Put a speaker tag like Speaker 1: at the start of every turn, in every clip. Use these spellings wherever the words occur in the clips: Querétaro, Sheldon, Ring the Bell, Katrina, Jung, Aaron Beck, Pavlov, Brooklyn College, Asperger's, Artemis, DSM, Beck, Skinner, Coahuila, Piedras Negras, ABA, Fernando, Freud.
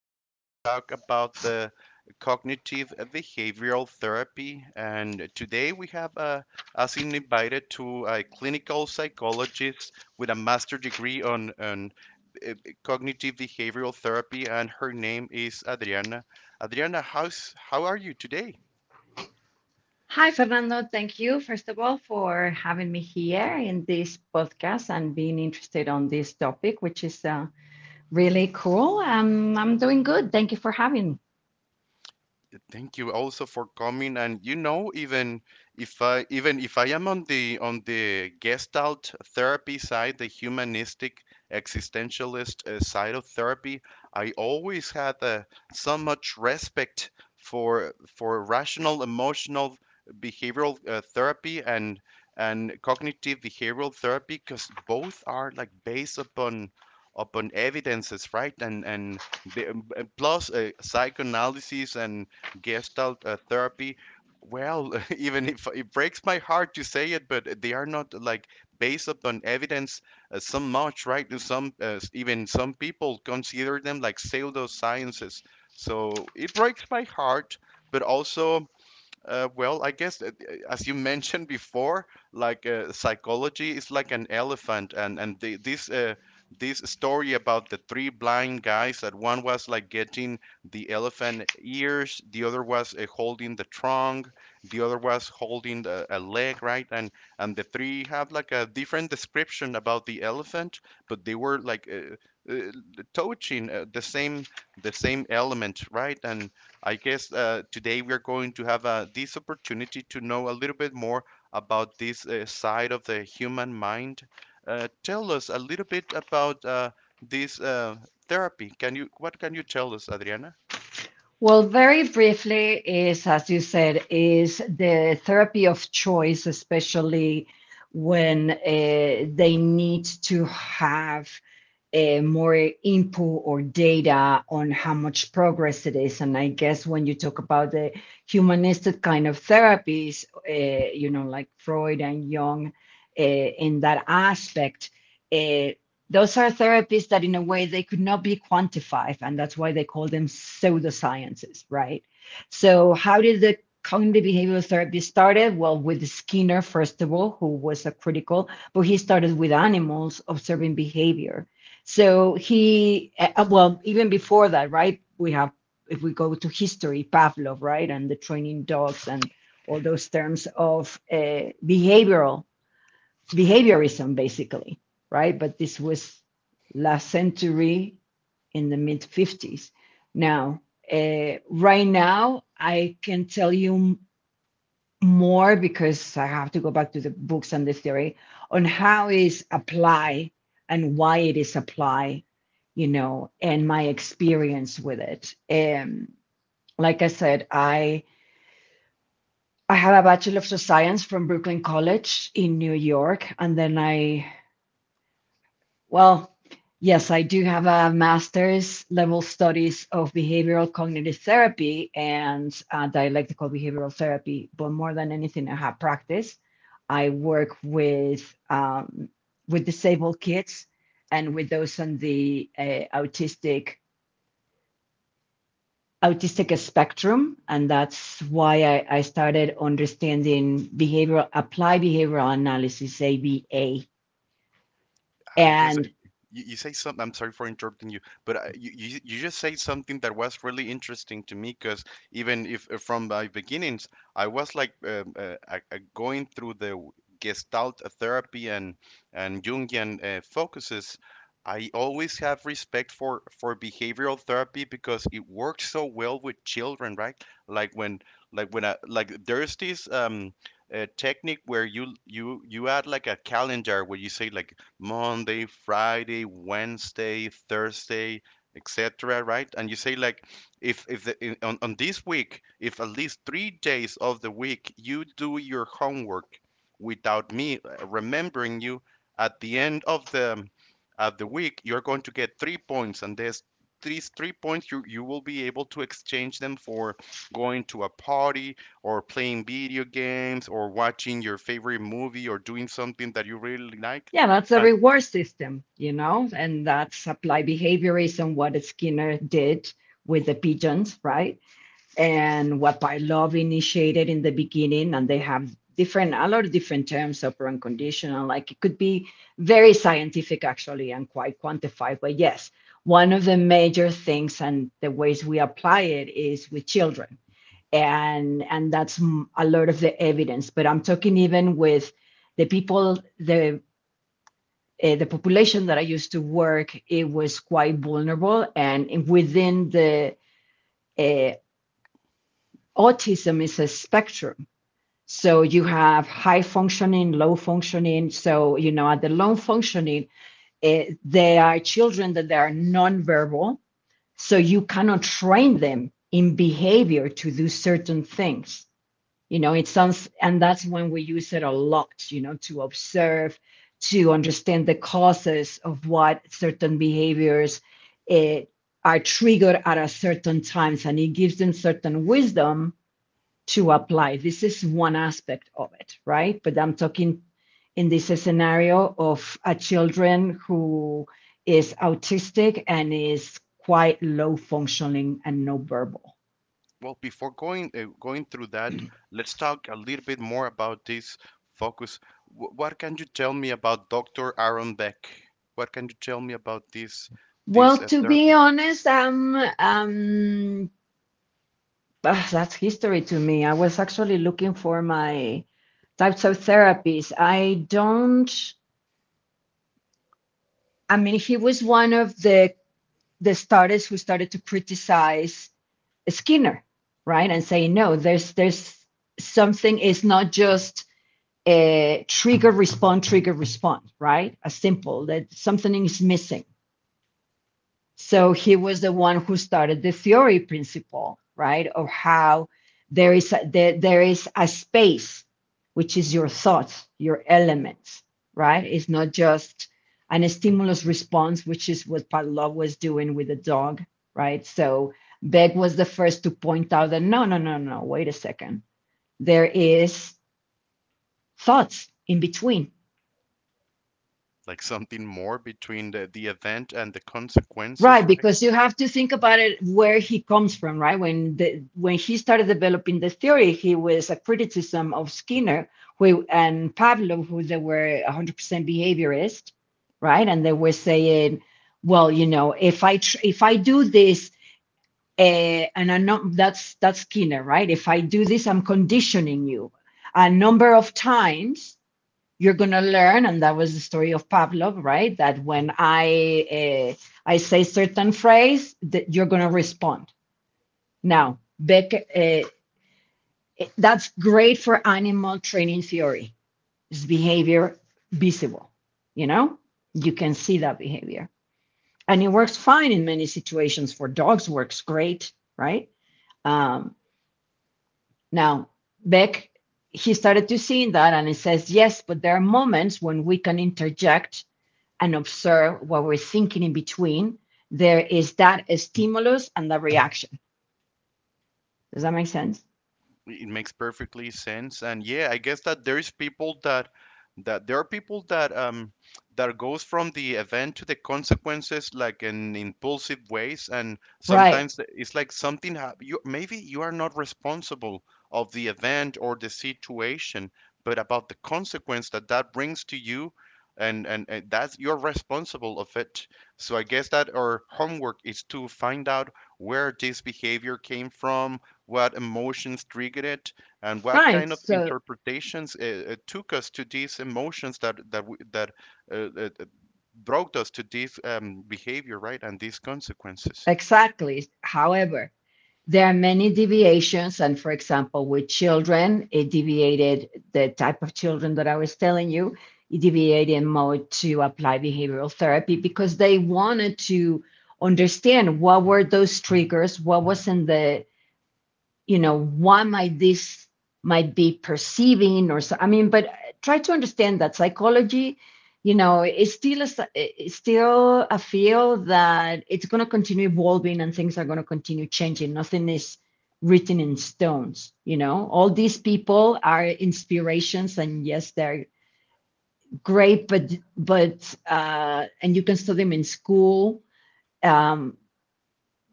Speaker 1: we are going to talk about the cognitive behavioral therapy. And today, we have us in invited to a clinical psychologist with a master degree on uh, cognitive behavioral therapy, and her name is Adriana. Adriana, how are you today?
Speaker 2: Hi, Fernando. Thank you, first of all, for having me here in this podcast and being interested on this topic, which is really cool. I'm doing good. Thank you for having me.
Speaker 1: Thank you also for coming. And even if I am on the Gestalt therapy side, the humanistic existentialist side of therapy, I always had so much respect for rational emotional behavioral therapy and cognitive behavioral therapy because both are like based upon evidences, right? And plus psychoanalysis and Gestalt therapy. Well, even if it breaks my heart to say it, but they are not like based upon evidence so much, right? And some people consider them like pseudosciences. So it breaks my heart, but also well, I guess as you mentioned before, like psychology is like an elephant, and the, this this story about the three blind guys that one was like getting the elephant ears, the other was holding the trunk, the other was holding a leg, right? And the three had like a different description about the elephant, but they were uh, touching the same element, right? And I guess today we are going to have this opportunity to know a little bit more about this side of the human mind. Tell us a little bit about this therapy. Can you What can you tell us, Adriana?
Speaker 2: Well, very briefly, is as you said, is the therapy of choice, especially when they need to have more input or data on how much progress it is. And I guess when you talk about the humanistic kind of therapies, you know, like Freud and Jung, in that aspect, uh, those are therapies that, in a way, they could not be quantified, and that's why they call them pseudosciences, right? So, how did the cognitive behavioral therapy started? Well, with Skinner, first of all, who was a critical, but he started with animals observing behavior so well, even before that, right? We have, if we go to history, Pavlov, right? And the training dogs and all those terms of behavioral, behaviorism, basically, right? But this was last century in the mid 50s. Now, right now, I can tell you more because I have to go back to the books and the theory on how is apply and why it is apply, you know, and my experience with it. Like I said, I have a Bachelor of Science from Brooklyn College in New York, and then Well, yes, I do have a master's level studies of behavioral cognitive therapy and dialectical behavioral therapy, but more than anything, I have practice. I work with disabled kids and with those on the autistic autistic spectrum, and that's why I started understanding behavioral applied behavioral analysis (ABA)
Speaker 1: I
Speaker 2: and
Speaker 1: guess it- you say something. I'm sorry for interrupting you, but you just say something that was really interesting to me because even if from my beginnings, I was like going through the Gestalt therapy and Jungian focuses. I always have respect for behavioral therapy because it works so well with children, right? Like when like, there's this technique where you add like a calendar where you say like Monday, Friday, Wednesday, Thursday, etc. Right? And you say like, if the, in, on this week, if at least 3 days of the week you do your homework without me remembering you, at the end of the week you're going to get three points, and there's these three points you will be able to exchange them for going to a party or playing video games or watching your favorite movie or doing something that you really
Speaker 2: yeah,
Speaker 1: like.
Speaker 2: that's a reward system, you know, and that's applied behaviorism, what Skinner did with the pigeons, right? And what Pavlov initiated in the beginning, and they have different, a lot of different terms of unconditional. Like it could be very scientific, actually, and quite quantified. But yes, one of the major things and the ways we apply it is with children, and that's a lot of the evidence. But I'm talking even with the people, the population that I used to work, it was quite vulnerable. And within the uh, autism is a spectrum. So you have high functioning, low functioning. So, you know, at the low functioning, they are children that they are nonverbal. So you cannot train them in behavior to do certain things, you know, it sounds, and that's when we use it a lot, you know, to observe, to understand the causes of what certain behaviors eh, are triggered at a certain times, and it gives them certain wisdom to apply. This is one aspect of it, right? But I'm talking in this scenario of a children who is autistic and is quite low functioning and no verbal.
Speaker 1: Well, before going through that, let's talk a little bit more about this focus. What can you tell me about Dr. Aaron Beck? What can you tell me about this
Speaker 2: Well,
Speaker 1: this
Speaker 2: to
Speaker 1: uh,
Speaker 2: be
Speaker 1: therapy?
Speaker 2: honest, that's history to me. I was actually looking for my types of therapies. I don't, I mean, he was one of the starters who started to criticize Skinner, right? And say, no, there's something, it's not just a trigger respond, right? A simple that something is missing. So he was the one who started the theory principle, right? Of how there is a space, which is your thoughts, your elements, right? It's not just an stimulus response, which is what Pavlov was doing with the dog, right? So Beck was the first to point out that no, no, no, no, wait a second. There is thoughts in between.
Speaker 1: Like something more between the event and the
Speaker 2: Right,
Speaker 1: consequences,
Speaker 2: because
Speaker 1: right?
Speaker 2: you have to think about it where he comes from, right? When he started developing the theory, he was a criticism of Skinner who and Pavlov, who they were 100% behaviorist, right? And they were saying, well, you know, if I do this, and I know that's Skinner, right? If I do this, I'm conditioning you a number of times, you're going to learn. And that was the story of Pavlov, right? That when I say certain phrase that you're going to respond. Now Beck, that's great for animal training theory. It's behavior, visible, you know, you can see that behavior, and it works fine in many situations. For dogs works great, right? um, now Beck, he started to see that, and he says, yes, but there are moments when we can interject and observe what we're thinking in between, there is that stimulus and that reaction. Does that make sense?
Speaker 1: It makes perfectly sense. And yeah, I guess that there are people that goes from the event to the consequences like in impulsive ways. And
Speaker 2: Right,
Speaker 1: sometimes, it's like something hap you maybe you are not responsible of the event or the situation, but about the consequence that brings to you. And that's you're responsible of it. So I guess that our homework is to find out where this behavior came from, what emotions triggered it, and what
Speaker 2: right.
Speaker 1: kind of
Speaker 2: So,
Speaker 1: interpretations it took us to these emotions that uh, uh, uh, brought us to this behavior, right, and these consequences.
Speaker 2: exactly. However, there are many deviations. And for example, with children, it deviated the type of children that I was telling you, it deviated more to apply behavioral therapy because they wanted to understand what were those triggers, what was in the, you know, why might this might be perceiving or so, I mean, but try to understand that psychology, you know, it's still a field that it's going to continue evolving and things are going to continue changing. Nothing is written in stones. You know, all these people are inspirations, and yes, they're great, but but and you can study them in school. um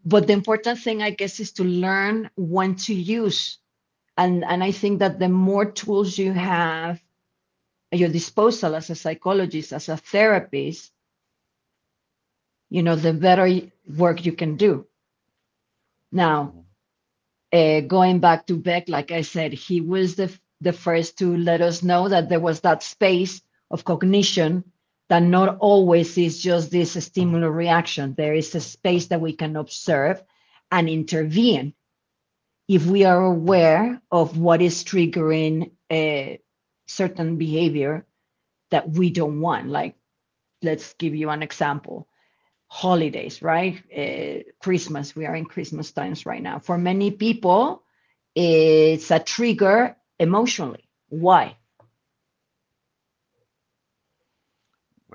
Speaker 2: but the important thing, I guess, is to learn when to use, and I think that the more tools you have at your disposal as a psychologist, as a therapist, you know, the better work you can do. Now, going back to Beck, like I said, he was the first to let us know that there was that space of cognition, that not always is just this stimulant reaction. There is a space that we can observe and intervene if we are aware of what is triggering a certain behavior that we don't want. Like, let's give you an example, holidays, right? Christmas, we are in Christmas times right now. For many people, it's a trigger emotionally. Why?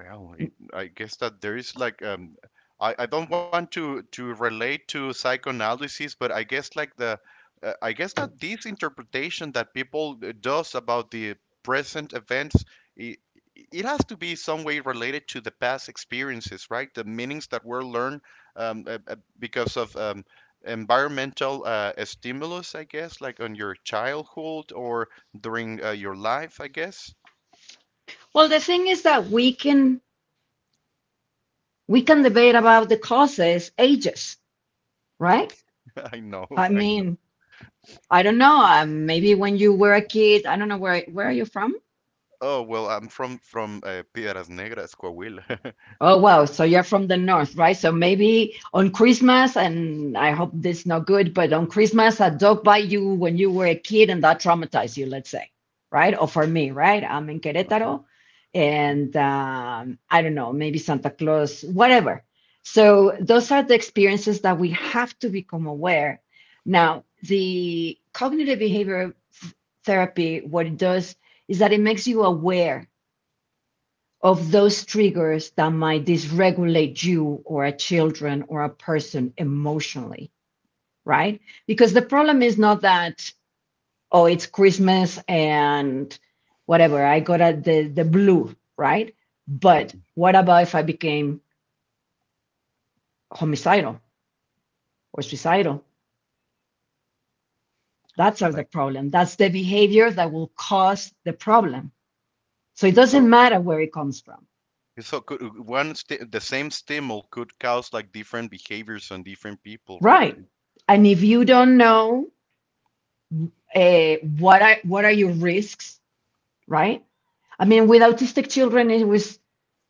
Speaker 1: Well, I guess that there is like I don't want to relate to psychoanalysis, but I guess like the I guess that this interpretation that people does about the present events, it, it has to be some way related to the past experiences, right? The meanings that were learned because of environmental stimulus, I guess, like on your childhood or during your life, I guess.
Speaker 2: Well, the thing is that we can debate about the causes ages, right?
Speaker 1: I know,
Speaker 2: I
Speaker 1: I
Speaker 2: mean,
Speaker 1: know.
Speaker 2: I don't know. Maybe when you were a kid, I don't know, where are you from?
Speaker 1: Oh, well, I'm from Piedras Negras, Coahuila.
Speaker 2: Oh, wow. So you're from the north, right? So maybe on Christmas, and I hope this is not good, but on Christmas, a dog bite you when you were a kid and that traumatized you, let's say, right? Or for me, right? I'm in Querétaro and
Speaker 1: Mhm.
Speaker 2: I don't know, maybe Santa Claus, whatever. So those are the experiences that we have to become aware. Now, the cognitive behavior th- therapy, what it does is that it makes you aware of those triggers that might dysregulate you or a children or a person emotionally, right? Because the problem is not that, oh, it's Christmas and whatever, I got a, the blue, right? But what about if I became homicidal or suicidal? That's are the
Speaker 1: Like
Speaker 2: problem. That's the behavior that will cause the problem. So it doesn't
Speaker 1: so
Speaker 2: matter where it comes from.
Speaker 1: so could one sti the same stimul could cause like different behaviors on different people, right?
Speaker 2: Right. And if you don't know what are your risks, right? I mean, with autistic children, it was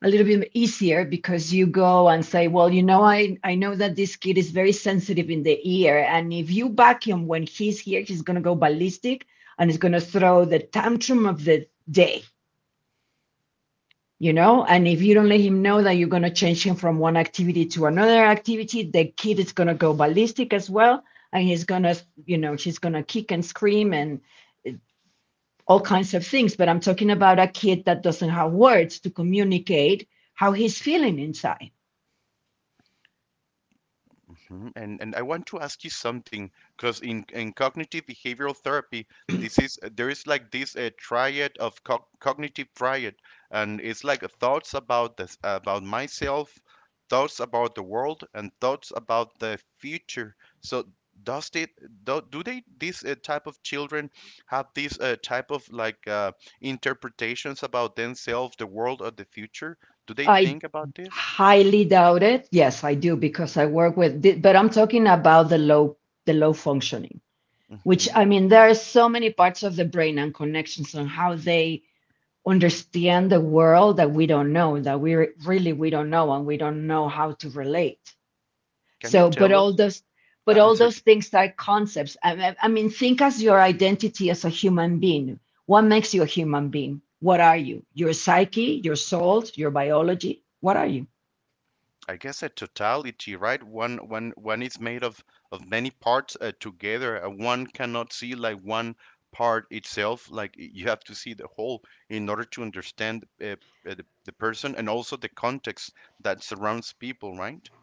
Speaker 2: a little bit easier because you go and say, well, you know, I know that this kid is very sensitive in the ear. And if you back him when he's here, he's going to go ballistic and he's going to throw the tantrum of the day, you know? And if you don't let him know that you're going to change him from one activity to another activity, the kid is going to go ballistic as well. And he's going to, you know, she's going to kick and scream and all kinds of things, but I'm talking about a kid that doesn't have words to communicate how he's feeling inside.
Speaker 1: Mhm. And I want to ask you something because in cognitive behavioral therapy, this is there is like this triad of co cognitive triad, and it's like thoughts about myself, thoughts about the world, and thoughts about the future. So does it do they this type of children have this type of interpretations about themselves, the world, or the future? Do they
Speaker 2: I
Speaker 1: think about this?
Speaker 2: highly doubt it. Yes, I do because I work with but I'm talking about the low functioning, which I
Speaker 1: Hmm.
Speaker 2: mean there are so many parts of the brain and connections on how they understand the world that we don't know, that we really we don't know and we don't know how to relate.
Speaker 1: Can
Speaker 2: So,
Speaker 1: you tell us?
Speaker 2: but all
Speaker 1: I'm
Speaker 2: those
Speaker 1: sorry.
Speaker 2: things are concepts. I mean, think as your identity as a human being. What makes you a human being? What are you? Your psyche, your soul, your biology. What are you?
Speaker 1: I guess a totality, right? One is made of many parts together. One cannot see like one part itself. Like you have to see the whole in order to understand the person and also the context that surrounds people, right?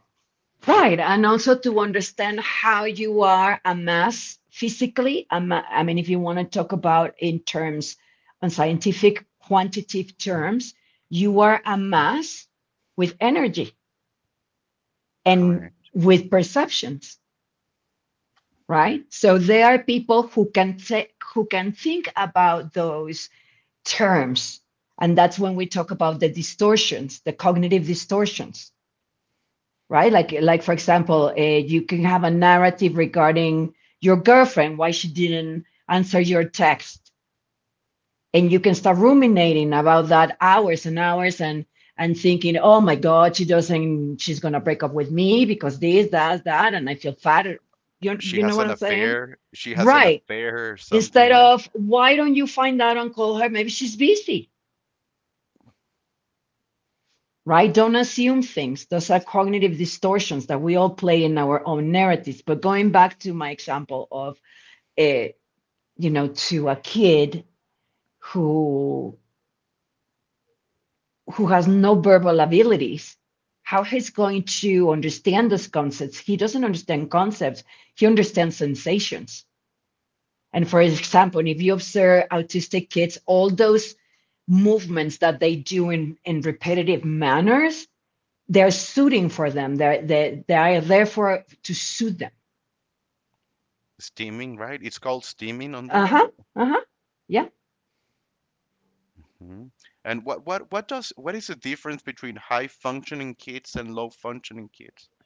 Speaker 2: Right, and also to understand how you are amassed physically. I mean, if you want to talk about in terms, on scientific quantitative terms, you are a mass with energy and
Speaker 1: Correct.
Speaker 2: with perceptions, right?
Speaker 1: Mhm.
Speaker 2: So there are people who can take who can think about those terms, and that's when we talk about the distortions, the cognitive distortions, right? Like for example, you can have a narrative regarding your girlfriend why she didn't answer your text, and you can start ruminating about that hours and hours and thinking, oh my God, she doesn't, she's gonna break up with me because this, that, that, and I feel fat. You, you
Speaker 1: She
Speaker 2: know what
Speaker 1: has
Speaker 2: I'm
Speaker 1: an
Speaker 2: saying?
Speaker 1: affair. She has an
Speaker 2: Right,
Speaker 1: affair or
Speaker 2: instead
Speaker 1: something, right?
Speaker 2: of why don't you find out and call her, maybe she's busy. Right, don't assume things. Those are cognitive distortions that we all play in our own narratives. But going back to my example of a, you know, to a kid who has no verbal abilities, how he's going to understand those concepts? He doesn't understand concepts, he understands sensations. And for example, if you observe autistic kids, all those movements that they do in, repetitive manners, they're suiting for them. They're, they are there for to suit them.
Speaker 1: Steaming, right? It's called steaming on
Speaker 2: Uh
Speaker 1: them.
Speaker 2: huh. Uh huh. Yeah.
Speaker 1: Mhm. And what is the difference between high functioning kids and low functioning kids?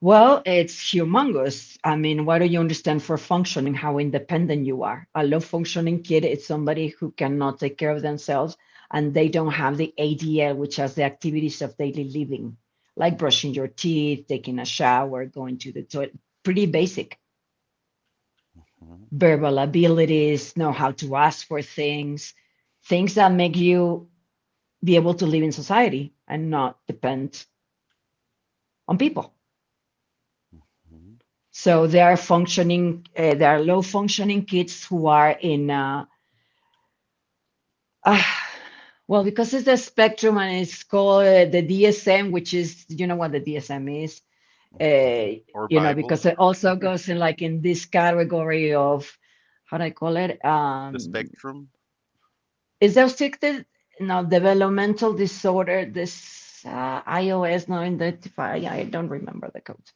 Speaker 2: Well, it's humongous. I mean, what do you understand for functioning? How independent you are. A low functioning kid is somebody who cannot take care of themselves, and they don't have the ADL, which has the activities of daily living, like brushing your teeth, taking a shower, going to the toilet. Pretty basic
Speaker 1: Mhm.
Speaker 2: verbal abilities, know how to ask for things, things that make you be able to live in society and not depend on people. So there are functioning, there are low functioning kids who are in, ah, well, because it's a spectrum and it's called the DSM, which is, you know what the DSM is, uh,
Speaker 1: Mhm. Or
Speaker 2: you know, because
Speaker 1: Bible.
Speaker 2: it also goes in like in this category of, how do I call it?
Speaker 1: The spectrum.
Speaker 2: Is restricted, no, developmental disorder, this iOS, no, identify, I don't remember the code.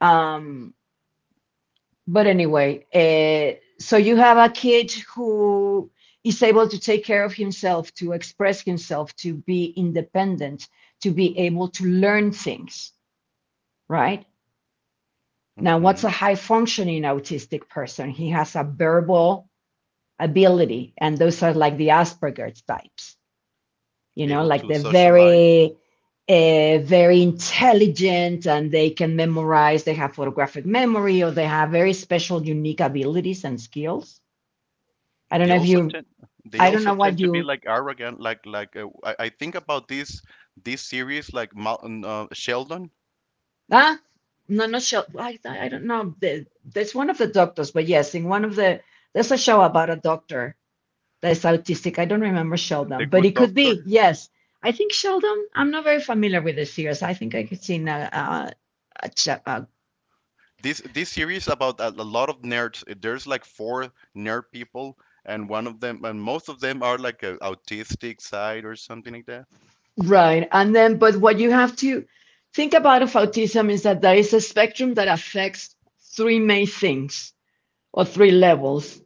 Speaker 2: Um, But anyway, so you have a kid who is able to take care of himself, to express himself, to be independent, to be able to learn things, right? Now, what's a
Speaker 1: Hmm.
Speaker 2: high functioning autistic person? He has a verbal ability, and those are like the Asperger's types, you know,
Speaker 1: Able
Speaker 2: like they're
Speaker 1: to socialize.
Speaker 2: very very intelligent, and they can memorize, they have photographic memory, or they have very special, unique abilities and skills. I don't know
Speaker 1: They
Speaker 2: if
Speaker 1: also
Speaker 2: you,
Speaker 1: tend
Speaker 2: I
Speaker 1: they
Speaker 2: don't know
Speaker 1: also
Speaker 2: what
Speaker 1: tend to be
Speaker 2: you,
Speaker 1: like arrogant, like I think about this series like Sheldon,
Speaker 2: ah, no, not show. I don't know. There's one of the doctors, but yes, in one of the, there's a show about a doctor that's autistic. I don't remember Sheldon,
Speaker 1: the
Speaker 2: but it
Speaker 1: Good
Speaker 2: could be.
Speaker 1: Doctor.
Speaker 2: Yes. I think Sheldon, I'm not very familiar with the series. I think I could see in a,
Speaker 1: This series about a lot of nerds. There's like four nerd people, and one of them and most of them are like a autistic side or something like that.
Speaker 2: right. And then, but what you have to think about of autism is that there is a spectrum that affects three main things or three levels,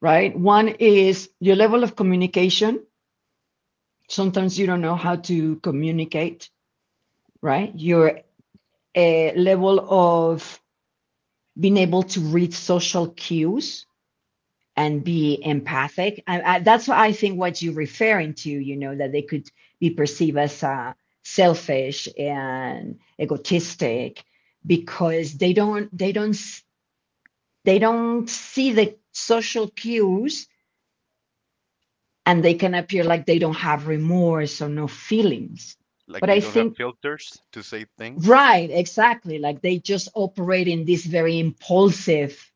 Speaker 2: right? One is your level of communication. Sometimes you don't know how to communicate, right? Your level of being able to read social cues and be empathic. That's what I think what you're referring to, you know, that they could be perceived as selfish and egotistic, because they don't see the social cues, and they can appear like they don't have remorse or no feelings. But
Speaker 1: Like
Speaker 2: I
Speaker 1: they don't have
Speaker 2: think
Speaker 1: filters to say things.
Speaker 2: Right, exactly. Like they just operate in this very impulsive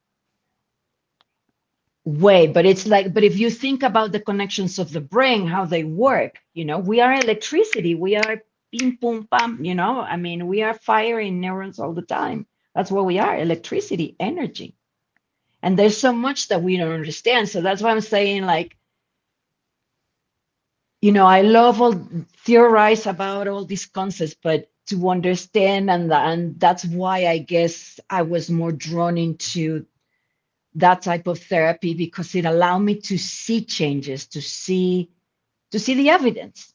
Speaker 2: way. But it's like, but if you think about the connections of the brain, how they work, you know, we are electricity, we are ping, pum pam, you know, I mean, we are firing neurons all the time. That's what we are, electricity, energy. And there's so much that we don't understand. So that's why I'm saying, like, you know, I love all theorize about all these concepts, but to understand, and that's why I guess I was more drawn into that type of therapy because it allowed me to see changes, to see the evidence.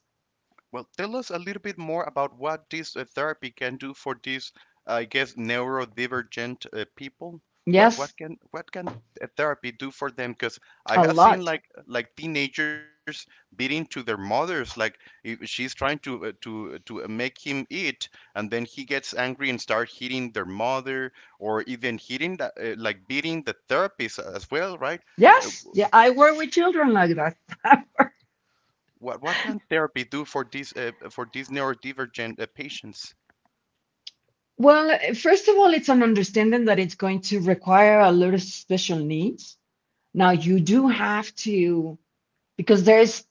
Speaker 1: Well, tell us a little bit more about what this therapy can do for these, I guess, neurodivergent people. What
Speaker 2: Yes,
Speaker 1: what can what can a therapy do for them? Because I
Speaker 2: a
Speaker 1: have seen
Speaker 2: lot.
Speaker 1: like teenagers beating to their mothers, like if she's trying to make him eat, and then he gets angry and start hitting their mother, or even hitting like beating the therapist as well, right? Uh,
Speaker 2: Yes, yeah, I work with children like that.
Speaker 1: what can therapy do for these neurodivergent patients?
Speaker 2: Well, first of all, it's an understanding that it's going to require a lot of special needs. Now you do have to, because there's,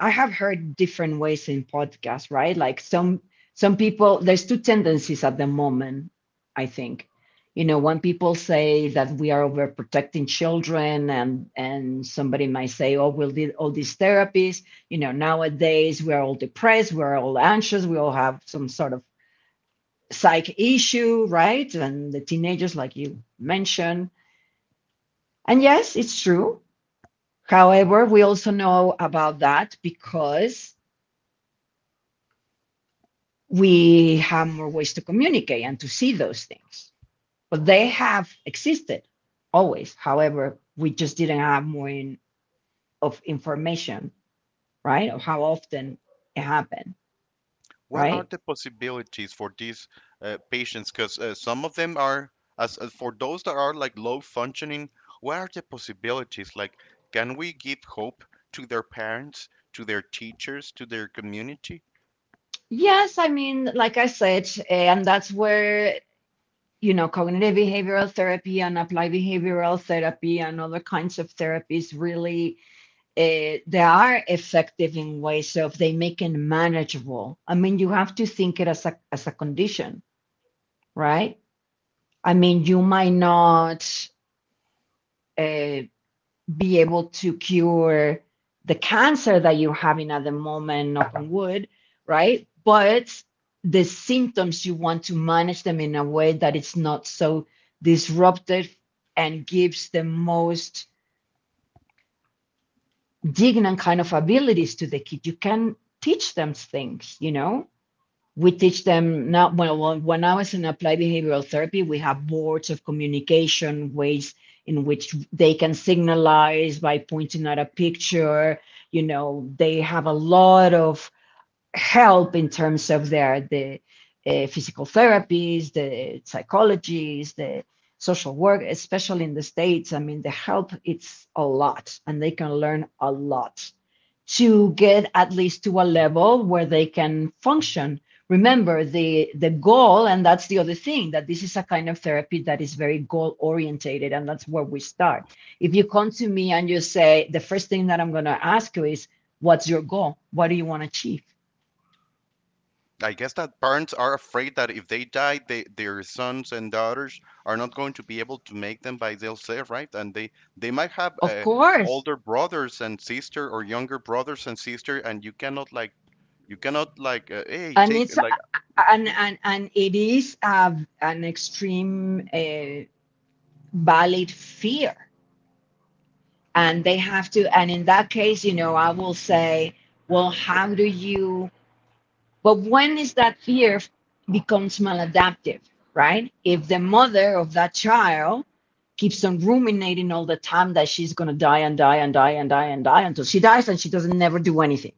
Speaker 2: I have heard different ways in podcasts, right? Like some people, there's two tendencies at the moment, I think. You know, when people say that we are overprotecting children, and somebody might say, oh, we'll do all these therapies, you know, nowadays we're all depressed, we're all anxious, we all have some sort of psych issue, right? And the teenagers, like you mentioned. And yes, it's true. However, we also know about that because we have more ways to communicate and to see those things. But they have existed always. However, we just didn't have more in, of information, right? Of how often it happened,
Speaker 1: What
Speaker 2: right?
Speaker 1: are the possibilities for these patients? Because some of them are, as for those that are like low functioning, what are the possibilities? Like, can we give hope to their parents, to their teachers, to their community?
Speaker 2: Yes, I mean, like I said, eh, and that's where, you know, cognitive behavioral therapy and applied behavioral therapy and other kinds of therapies really, they are effective in ways of they make it manageable. I mean, you have to think it as a condition, right? I mean, you might not uh, be able to cure the cancer that you're having at the moment, knock on wood, right? But the symptoms, you want to manage them in a way that it's not so disruptive and gives the most dignant kind of abilities to the kid. You can teach them things, you know? We teach them now, well, when I was in applied behavioral therapy, we have boards of communication ways in which they can signalize by pointing at a picture. You know, they have a lot of help in terms of their the physical therapies, the psychologists, the social work, especially in the states. I mean, the help it's a lot, and they can learn a lot to get at least to a level where they can function. Remember the goal, and that's the other thing, that this is a kind of therapy that is very goal orientated, and that's where we start. If you come to me and you say, the first thing that I'm going to ask you is, "What's your goal? What do you want to achieve?"
Speaker 1: I guess that parents are afraid that if they die, their sons and daughters are not going to be able to make them by themselves, right? And they might have
Speaker 2: Of course,
Speaker 1: older brothers and sister or younger brothers and sister, and you cannot, hey
Speaker 2: and
Speaker 1: take
Speaker 2: it's
Speaker 1: like.
Speaker 2: and it is an extreme valid fear, and they have to. And in that case, you know, I will say, well, how do you? But when is that fear becomes maladaptive, right? If the mother of that child keeps on ruminating all the time that she's gonna die and die and die and die and die until she dies and she doesn't never do anything,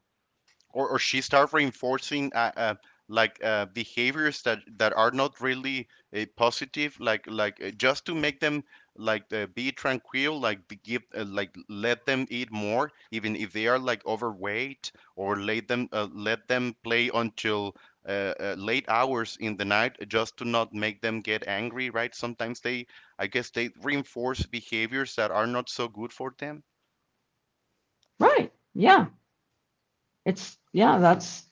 Speaker 1: Or she start reinforcing behaviors that are not really positive, like just to make them be tranquil, like be give like let them eat more even if they are like overweight, or let them play until late hours in the night just to not make them get angry, right? Sometimes they I guess they reinforce behaviors that are not so good for them.
Speaker 2: right? Yeah, it's yeah, that's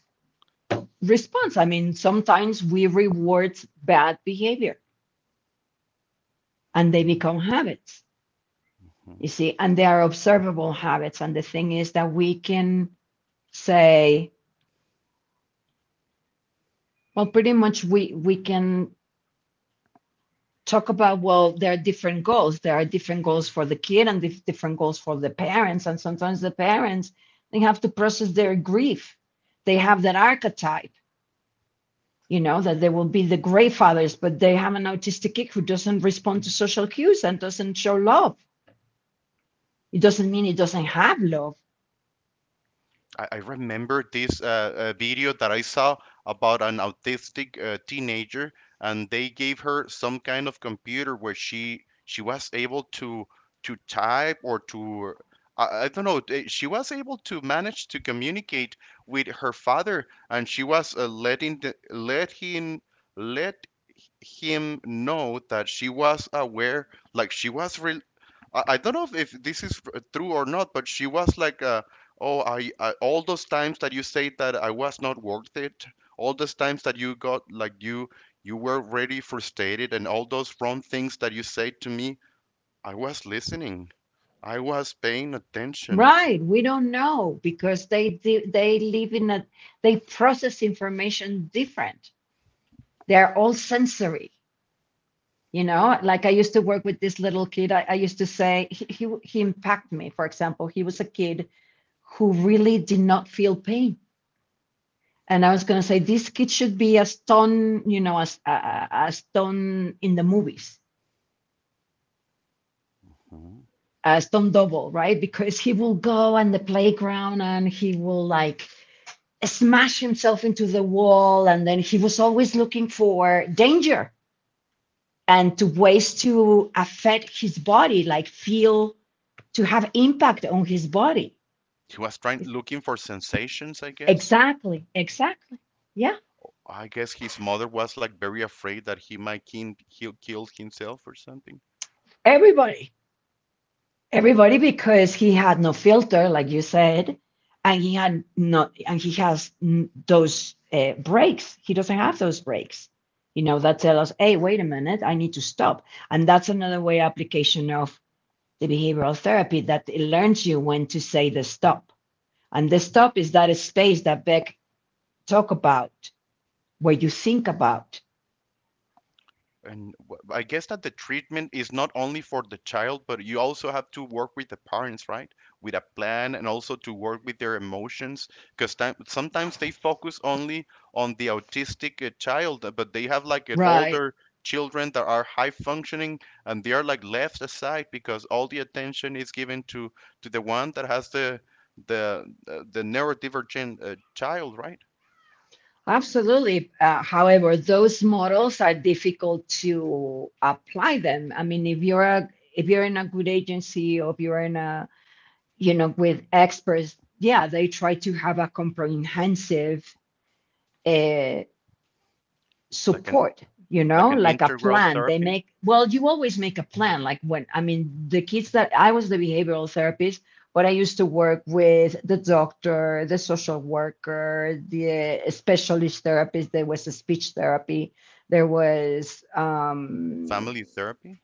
Speaker 2: response. I mean, sometimes we reward bad behavior and they become habits, you
Speaker 1: Mhm.
Speaker 2: see, and they are observable habits. And the thing is that we can say, well, pretty much we can talk about, well, there are different goals. There are different goals for the kid and dif- different goals for the parents. And sometimes the parents, they have to process their grief. They have that archetype, you know, that they will be the grandfathers, but they have an autistic kid who doesn't respond to social cues and doesn't show love. It doesn't mean it doesn't have love,
Speaker 1: I remember this video that I saw about an autistic teenager, and they gave her some kind of computer where she was able to type or to, I don't know. She was able to manage to communicate with her father, and she was letting the, let him know that she was aware, like she was re I don't know if this is true or not, but she was like, "Oh, I all those times that you say that I was not worth it, all those times that you got like you were really frustrated, and all those wrong things that you said to me, I was listening, I was paying attention."
Speaker 2: right? We don't know because they live in a, they process information different. They're all sensory, you know. Like I used to work with this little kid. I used to say he, he impacted me. For example, he was a kid who really did not feel pain. And I was going to say this kid should be a stone, you know, a a stone in the movies,
Speaker 1: Mhm.
Speaker 2: a stone double, right? Because he will go on the playground and he will like smash himself into the wall, and then he was always looking for danger and to ways to affect his body, like feel, to have impact on his body.
Speaker 1: He was trying looking for sensations, I guess.
Speaker 2: Exactly, exactly, yeah.
Speaker 1: I guess his mother was like very afraid that he might he'll kill himself or something.
Speaker 2: Everybody, everybody, because he had no filter like you said, and he had not and he has those breaks, he doesn't have those breaks, you know, that tell us, hey, wait a minute, I need to stop. And that's another way application of the behavioral therapy, that it learns you when to say the stop. And the stop is that space that Beck talk about, where you think about.
Speaker 1: And I guess that the treatment is not only for the child, but you also have to work with the parents, right? With a plan and also to work with their emotions, because sometimes they focus only on the autistic child, but they have like an
Speaker 2: Right.
Speaker 1: older children that are high functioning and they are like left aside because all the attention is given to the one that has the neurodivergent child, right?
Speaker 2: Absolutely. However, those models are difficult to apply them. I mean, if you're a, if you're in a good agency, or if you're in a, you know, with experts, yeah, they try to have a comprehensive uh,
Speaker 1: Like an
Speaker 2: support, you
Speaker 1: like
Speaker 2: know,
Speaker 1: an
Speaker 2: like a
Speaker 1: integral
Speaker 2: plan they
Speaker 1: therapy,
Speaker 2: make. Well, you always make a plan, like when, I mean, the kids that I was the behavioral therapist, but I used to work with the doctor, the social worker, the specialist therapist, there was a speech therapy, there was
Speaker 1: family therapy.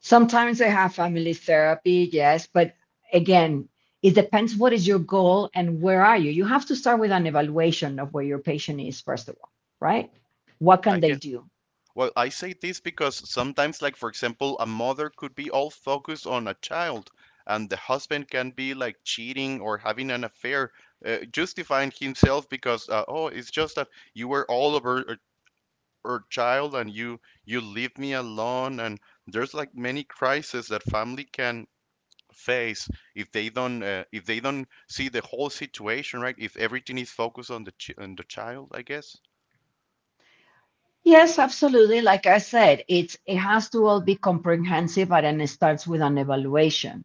Speaker 2: sometimes they have family therapy, yes, but again, it depends what is your goal and where are you. You have to start with an evaluation of where your patient is, first of all, right? What
Speaker 1: I
Speaker 2: can
Speaker 1: guess.
Speaker 2: they do?
Speaker 1: Well, I say this because sometimes, like for example, a mother could be all focused on a child, and the husband can be like cheating or having an affair, justifying himself because oh, it's just that you were all over her, her child and you leave me alone, and there's like many crises that family can face if they don't see the whole situation, right? If everything is focused on the child, I guess.
Speaker 2: Yes, absolutely. Like I said, it has to all be comprehensive, and then it starts with an evaluation,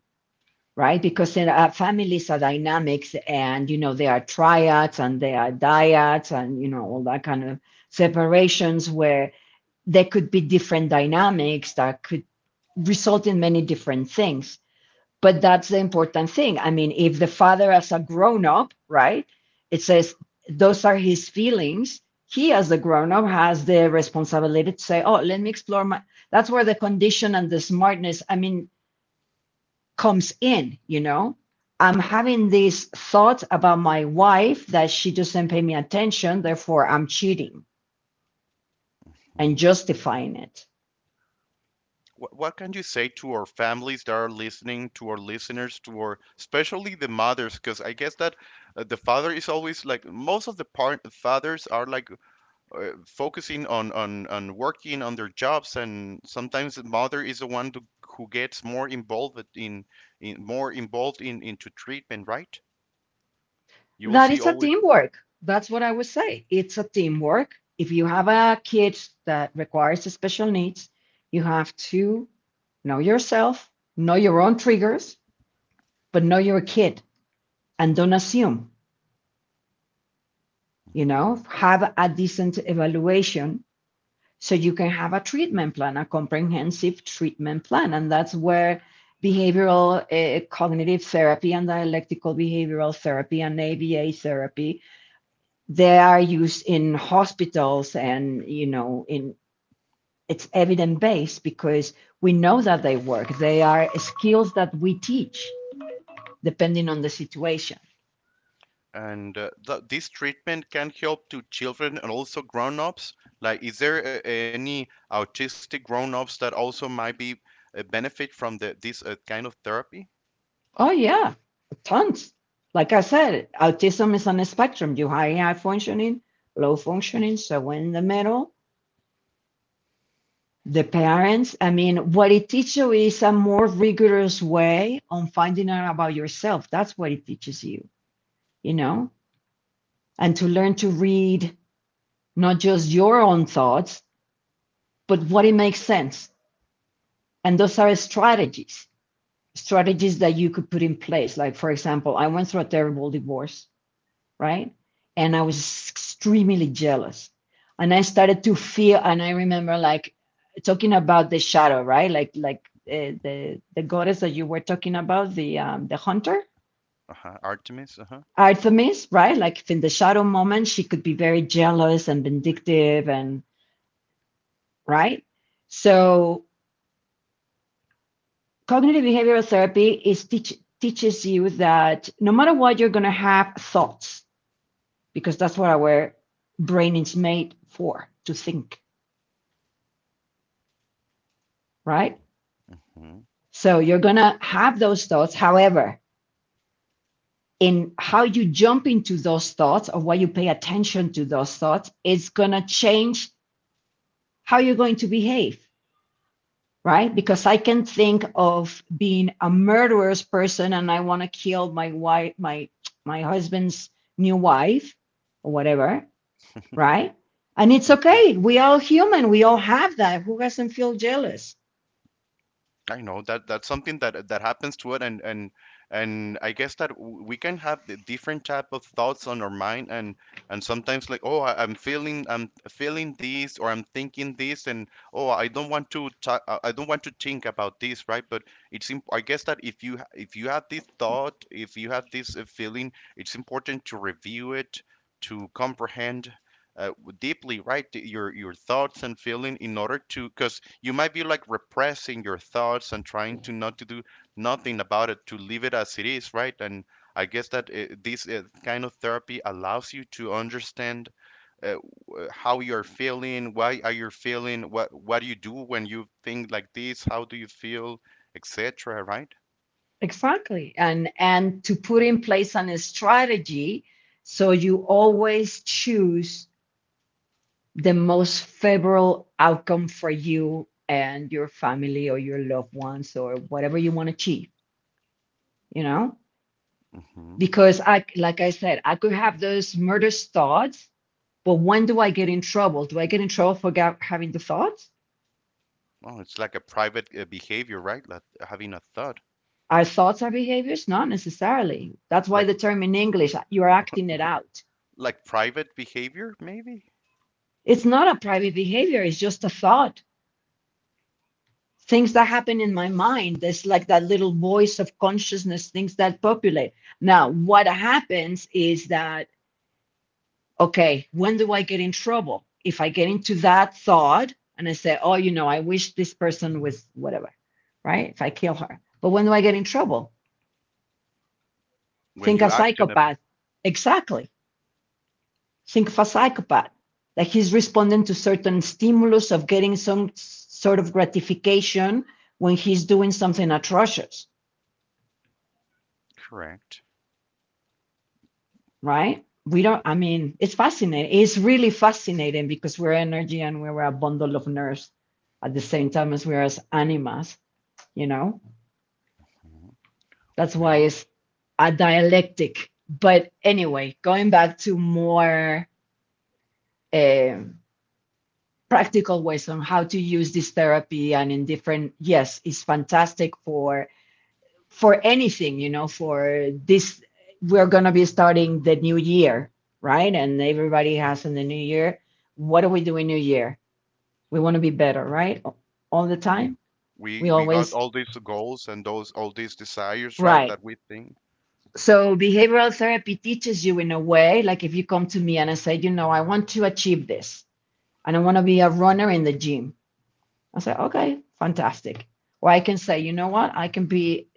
Speaker 2: right? Because in families are dynamics, and you know there are triads and there are dyads and you know all that kind of separations where there could be different dynamics that could result in many different things. But that's the important thing. I mean, if the father, as a grown up, right, it says those are his feelings, he, as a grown up, has the responsibility to say, oh, let me explore my. That's where the condition and the smartness, I mean, comes in, you know? I'm having these thoughts about my wife that she doesn't pay me attention, therefore I'm cheating and justifying it.
Speaker 1: What can you say to our families that are listening, to our listeners, to our, especially the mothers? Because I guess that the father is always like most of the part fathers are like focusing on on working on their jobs, and sometimes the mother is the one to, who gets more involved in into treatment, right? You will
Speaker 2: That
Speaker 1: see
Speaker 2: it's a
Speaker 1: always.
Speaker 2: teamwork. That's what I would say. It's a teamwork. If you have a kid that requires special needs, you have to know yourself, know your own triggers, but know your kid, and don't assume, you know, have a decent evaluation so you can have a treatment plan, a comprehensive treatment plan. And that's where behavioral cognitive therapy, and dialectical behavioral therapy, and ABA therapy. They are used in hospitals and, you know, in it's evidence based because we know that they work. They are skills that we teach depending on the situation.
Speaker 1: And th this treatment can help to children and also grown-ups. Like, is there any autistic grown-ups that also might be benefit from the this kind of therapy?
Speaker 2: Oh, yeah, tons. Like I said, autism is on a spectrum. You high, high functioning, low functioning. So in the middle, the parents, I mean, what it teaches you is a more rigorous way on finding out about yourself. That's what it teaches you, you know, and to learn to read not just your own thoughts, but what it makes sense. And those are strategies, strategies that you could put in place. Like, for example, I went through a terrible divorce, right? And I was extremely jealous. And I started to feel, and I remember like talking about the shadow, right? Like, the goddess that you were talking about, the hunter,
Speaker 1: Uh-huh. Artemis. Uh-huh.
Speaker 2: Artemis, right? Like in the shadow moment, she could be very jealous and vindictive, and right. So cognitive behavioral therapy is teaches you that no matter what, you're going to have thoughts because that's what our brain is made for to think, right?
Speaker 1: Hmm.
Speaker 2: So you're going to have those thoughts. However, in how you jump into those thoughts or what you pay attention to those thoughts is going to change how you're going to behave. Right? Because I can think of being a murderous person, and I want to kill my wife, my husband's new wife or whatever, right? And it's okay. We all human. We all have that. Who doesn't feel jealous?
Speaker 1: I know that that's something that happens to it, and and I guess that we can have the different type of thoughts on our mind, and sometimes like, oh, I'm feeling this, or I'm thinking this, and oh, I don't want to I don't want to think about this, right? But it's imp I guess that if you if you have this thought, if you have this feeling, it's important to review it, to comprehend. Uh, deeply, right? Your thoughts and feeling in order to, because you might be like repressing your thoughts and trying to not to do nothing about it to leave it as it is, right? And I guess that this kind of therapy allows you to understand, uh, how you're feeling, why are you feeling, what do you do when you think like this, how do you feel, etc, right?
Speaker 2: Exactly. And to put in place an strategy so you always choose the most favorable outcome for you and your family or your loved ones or whatever you want to achieve, you know?
Speaker 1: Hmm.
Speaker 2: Because I like I said, I could have those murderous thoughts, but when do I get in trouble? Do I get in trouble for having the thoughts?
Speaker 1: Oh, it's like a private behavior, right? Like having a thought,
Speaker 2: Are thoughts our behaviors? Not necessarily. That's why
Speaker 1: like
Speaker 2: the term in English, you're acting it out.
Speaker 1: like private behavior maybe.
Speaker 2: It's not a private behavior, it's just a thought. Things that happen in my mind, there's like that little voice of consciousness, things that populate. Now what happens is that, okay, when do I get in trouble? If I get into that thought and I say, oh, you know, I wish this person was whatever, right, if I kill her, but when do I get in trouble?
Speaker 1: When
Speaker 2: Think a
Speaker 1: you act in a,
Speaker 2: psychopath. Exactly. Think of a psychopath. Like he's responding to certain stimulus of getting some sort of gratification when he's doing something atrocious,
Speaker 1: correct.
Speaker 2: right? We don't, I mean, it's fascinating. It's really fascinating because we're energy and we're a bundle of nerves at the same time as we're as animas, you know?
Speaker 1: Mhm.
Speaker 2: That's why
Speaker 1: Well.
Speaker 2: it's a dialectic. But anyway, going back to more um practical ways on how to use this therapy and in different, yes, it's fantastic for anything, you know, for this, we're going to be starting the new year, right? And everybody has in the new year, what do we do in new year? We want to be better, right? All the
Speaker 1: Yeah.
Speaker 2: time. We
Speaker 1: We got
Speaker 2: always,
Speaker 1: all these goals and those all these desires, right?
Speaker 2: right.
Speaker 1: That we think.
Speaker 2: So behavioral therapy teaches you in a way, like if you come to me and I say, you know, I want to achieve this, and I want to be a runner in the gym. I say, okay, fantastic. Or I can say, you know what? I can be,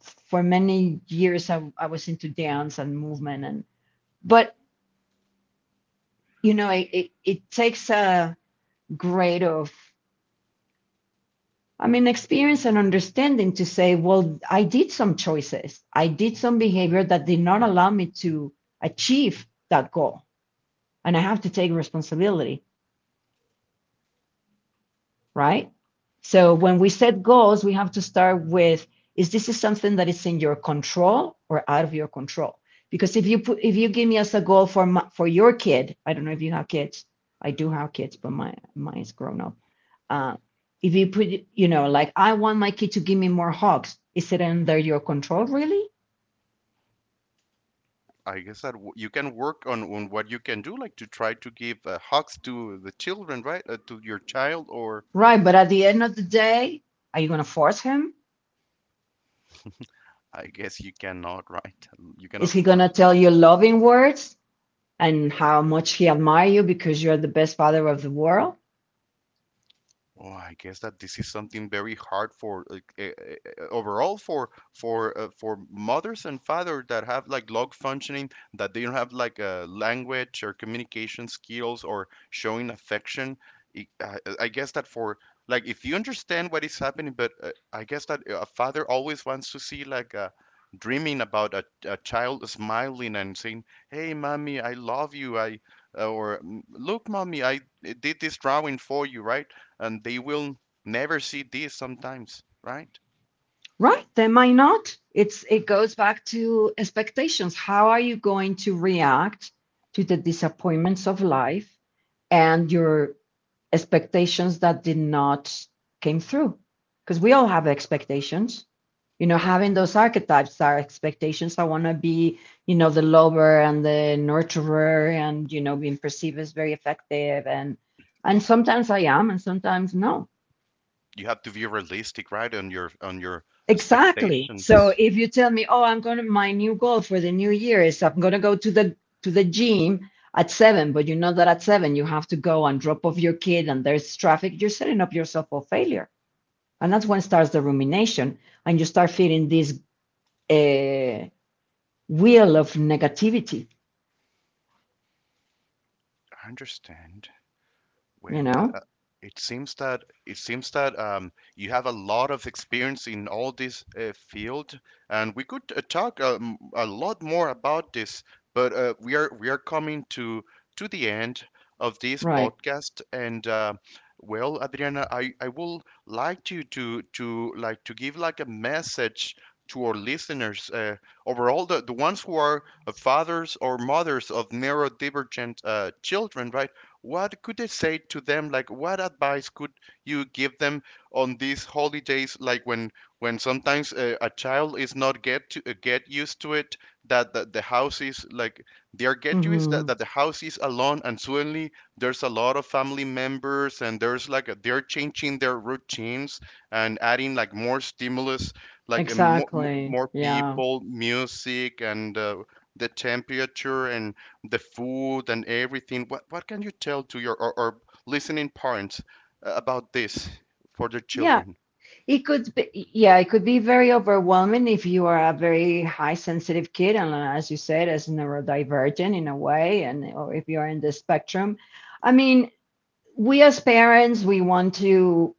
Speaker 2: for many years, I was into dance and movement, and but you know, it takes a grade of, I mean, experience and understanding to say, well, I did some choices. I did some behavior that did not allow me to achieve that goal. And I have to take responsibility. Right? So when we set goals, we have to start with is this is something that is in your control or out of your control? Because if you put, if you give me as a goal for my, for your kid, I don't know if you have kids. I do have kids, but my mine is grown up. Uh, if you put, you know, like I want my kid to give me more hugs, is it under your control really?
Speaker 1: I guess that you can work on what you can do, like to try to give hugs to the children, right? To your child, or
Speaker 2: Right, but at the end of the day, are you gonna force him?
Speaker 1: I guess you cannot, right? You
Speaker 2: Is
Speaker 1: cannot
Speaker 2: he gonna
Speaker 1: force
Speaker 2: tell
Speaker 1: love.
Speaker 2: you loving words? And how much he admire you because you're the best father of the world?
Speaker 1: Well, I guess that this is something very hard for like, overall for for mothers and fathers that have like log functioning that they don't have like language or communication skills or showing affection. I guess that for, like if you understand what is happening, but I guess that a father always wants to see like a, dreaming about a child smiling and saying, "Hey, mommy, I love you," I or "Mm, look, mommy, I did this drawing for you," right? And they will never see this sometimes, right?
Speaker 2: Right, they might not. It's it goes back to expectations. How are you going to react to the disappointments of life and your expectations that did not came through? Because we all have expectations. You know, having those archetypes are expectations. I want to be, you know, the lover and the nurturer, and you know, being perceived as very effective, and sometimes I am, and sometimes no.
Speaker 1: You have to be realistic, right, on your
Speaker 2: Exactly. So
Speaker 1: expectations.
Speaker 2: if you tell me, oh, I'm going to, my new goal for the new year is I'm going to go to the gym at seven, but you know that at seven you have to go and drop off your kid, and there's traffic, you're setting up yourself for failure, and that's when starts the rumination, and you start feeling this uh, wheel of negativity,
Speaker 1: I understand.
Speaker 2: you
Speaker 1: Well,
Speaker 2: know,
Speaker 1: it seems that you have a lot of experience in all this field, and we could talk a lot more about this. But we are coming to the end of this
Speaker 2: right.
Speaker 1: podcast, and well, Adriana, I will like you to like to give like a message to our listeners, overall the ones who are fathers or mothers of neurodivergent children, right? What could I say to them? Like, what advice could you give them on these holidays? Like when sometimes a child is not get to get used to it, that the house is like they are get used
Speaker 2: Hmm.
Speaker 1: that the house is alone, and suddenly there's a lot of family members, and there's like a, they're changing their routines and adding like more stimulus, like more
Speaker 2: Exactly,
Speaker 1: more
Speaker 2: yeah.
Speaker 1: people, music, and the temperature and the food and everything. What can you tell to your, or listening parents about this for their
Speaker 2: Yeah,
Speaker 1: children?
Speaker 2: it could be, yeah, it could be very overwhelming if you are a very high sensitive kid, and as you said, as neurodivergent in a way, and or if you're in the spectrum. I mean, we as parents, we want to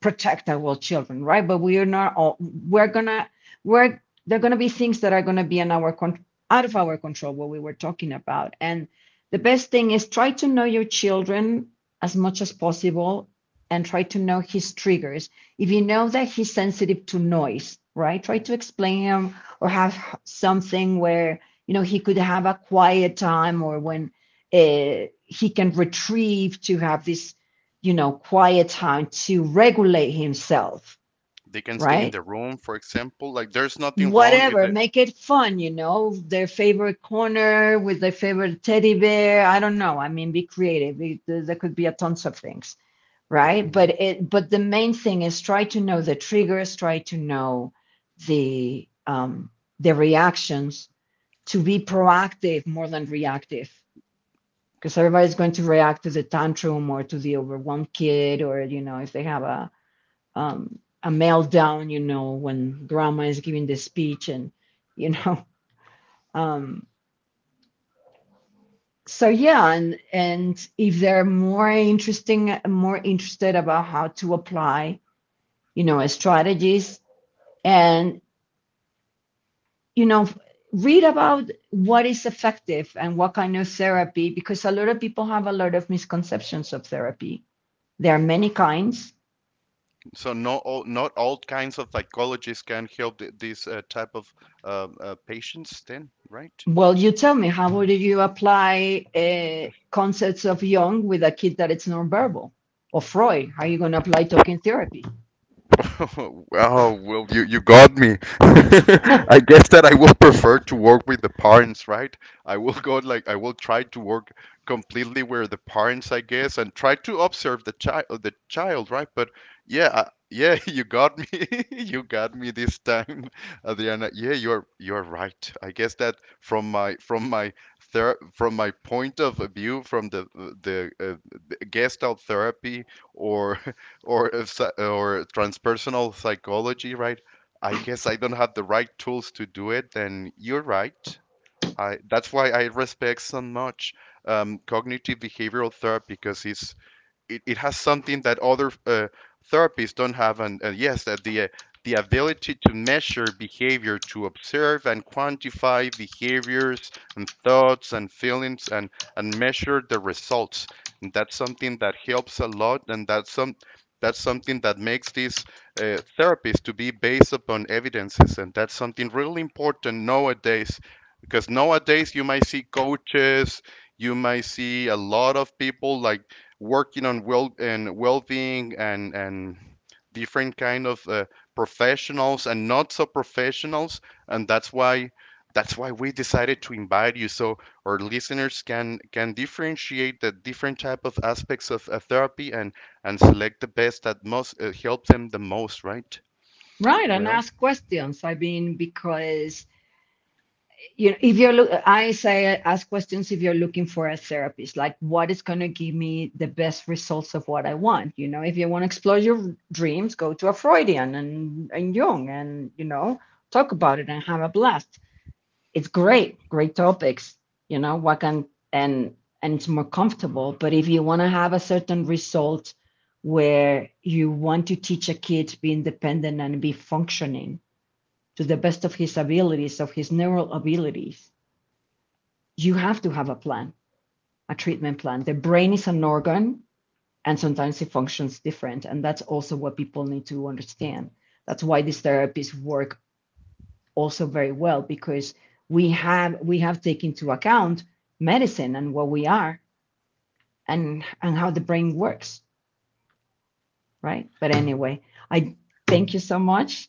Speaker 2: protect our children, right? But we are not all, we're gonna, we're, there are gonna be things that are gonna be in our out of our control, what we were talking about. And the best thing is try to know your children as much as possible and try to know his triggers. If you know that he's sensitive to noise, right? Try to explain him or have something where, you know, he could have a quiet time or when he can retrieve to have this, you know, quiet time to regulate himself,
Speaker 1: They can stay in
Speaker 2: right?
Speaker 1: the room, for example. Like there's nothing wrong if
Speaker 2: Whatever,
Speaker 1: they.
Speaker 2: make it fun, you know, their favorite corner with their favorite teddy bear. I don't know. I mean, be creative. It- there could be a tons of things, right?
Speaker 1: Mhm.
Speaker 2: But it, but the main thing is try to know the triggers, try to know the um, the reactions, to be proactive more than reactive, because everybody's going to react to the tantrum or to the overwhelmed kid, or you know, if they have a meltdown, you know, when grandma is giving the speech and, you know, um, so yeah, and if they're more interested about how to apply, you know, strategies and, you know, read about what is effective and what kind of therapy, because a lot of people have a lot of misconceptions of therapy. There are many kinds.
Speaker 1: So no, not all kinds of psychologists can help this type of patients. Then, right?
Speaker 2: Well, you tell me, how would you apply concepts of Jung with a kid that it's nonverbal? Or Freud, how are you going to apply talking therapy?
Speaker 1: Wow, well, you got me. I guess that I will prefer to work with the parents, right? I will go like I will try to work completely with the parents, I guess, and try to observe the child, right? But yeah, yeah, you got me. You got me this time, Adriana. Yeah, you're right. I guess that from my point of view, from the Gestalt therapy or or if psy- or transpersonal psychology, right? I guess I don't have the right tools to do it. Then you're right. I, that's why I respect so much cognitive behavioral therapy because it has something that other therapists don't have, and yes that the ability to measure behavior, to observe and quantify behaviors and thoughts and feelings and measure the results, and that's something that helps a lot, and that's something that makes these therapies to be based upon evidences, and that's something really important nowadays, because nowadays you might see coaches, you might see a lot of people like working on well and well-being and different kind of professionals and not so professionals, and that's why we decided to invite you, so our listeners can differentiate the different type of aspects of therapy, and select the best that most help them the most, right?
Speaker 2: Right, and
Speaker 1: Well.
Speaker 2: ask questions. I mean, because you know, if you're look, I say ask questions if you're looking for a therapist. Like, what is going to give me the best results of what I want? You know, if you want to explore your dreams, go to a Freudian and Jung, and you know, talk about it and have a blast. It's great, great topics. You know, what can, and and it's more comfortable. But if you want to have a certain result where you want to teach a kid to be independent and be functioning to the best of his abilities, of his neural abilities, you have to have a plan, a treatment plan. The brain is an organ, and sometimes it functions different. And that's also what people need to understand. That's why these therapies work also very well, because we have taken into account medicine and what we are, and how the brain works, right? But anyway, I thank you so much.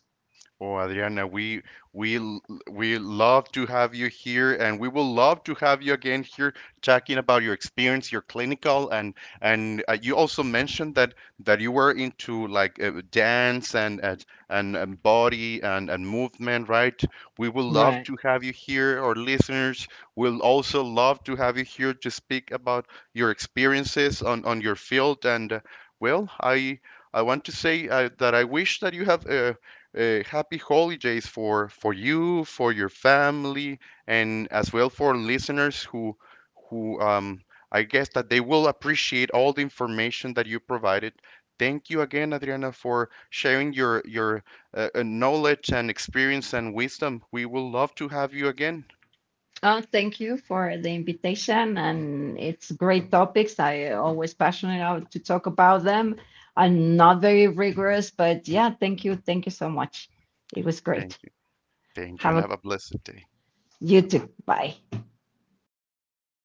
Speaker 1: Oh, Adriana, we we l- we love to have you here, and we will love to have you again here talking about your experience, your clinical, and you also mentioned that that you were into like dance and body and movement, right? We will love
Speaker 2: Right.
Speaker 1: to have you here. Our listeners will also love to have you here to speak about your experiences on your field. And well, I want to say that I wish that you have. Happy holidays for you, for your family, and as well for listeners who I guess that they will appreciate all the information that you provided. Thank you again, Adriana, for sharing your knowledge and experience and wisdom. We will love to have you again.
Speaker 2: Thank you for the invitation, and it's great topics. I always passionate out to talk about them. I'm not very rigorous, but yeah, thank you, thank you so much. It was
Speaker 1: Thank
Speaker 2: great.
Speaker 1: you. Thank you,
Speaker 2: Have
Speaker 1: and
Speaker 2: a,
Speaker 1: have a blessed day.
Speaker 2: you
Speaker 1: Bye.
Speaker 2: too, bye.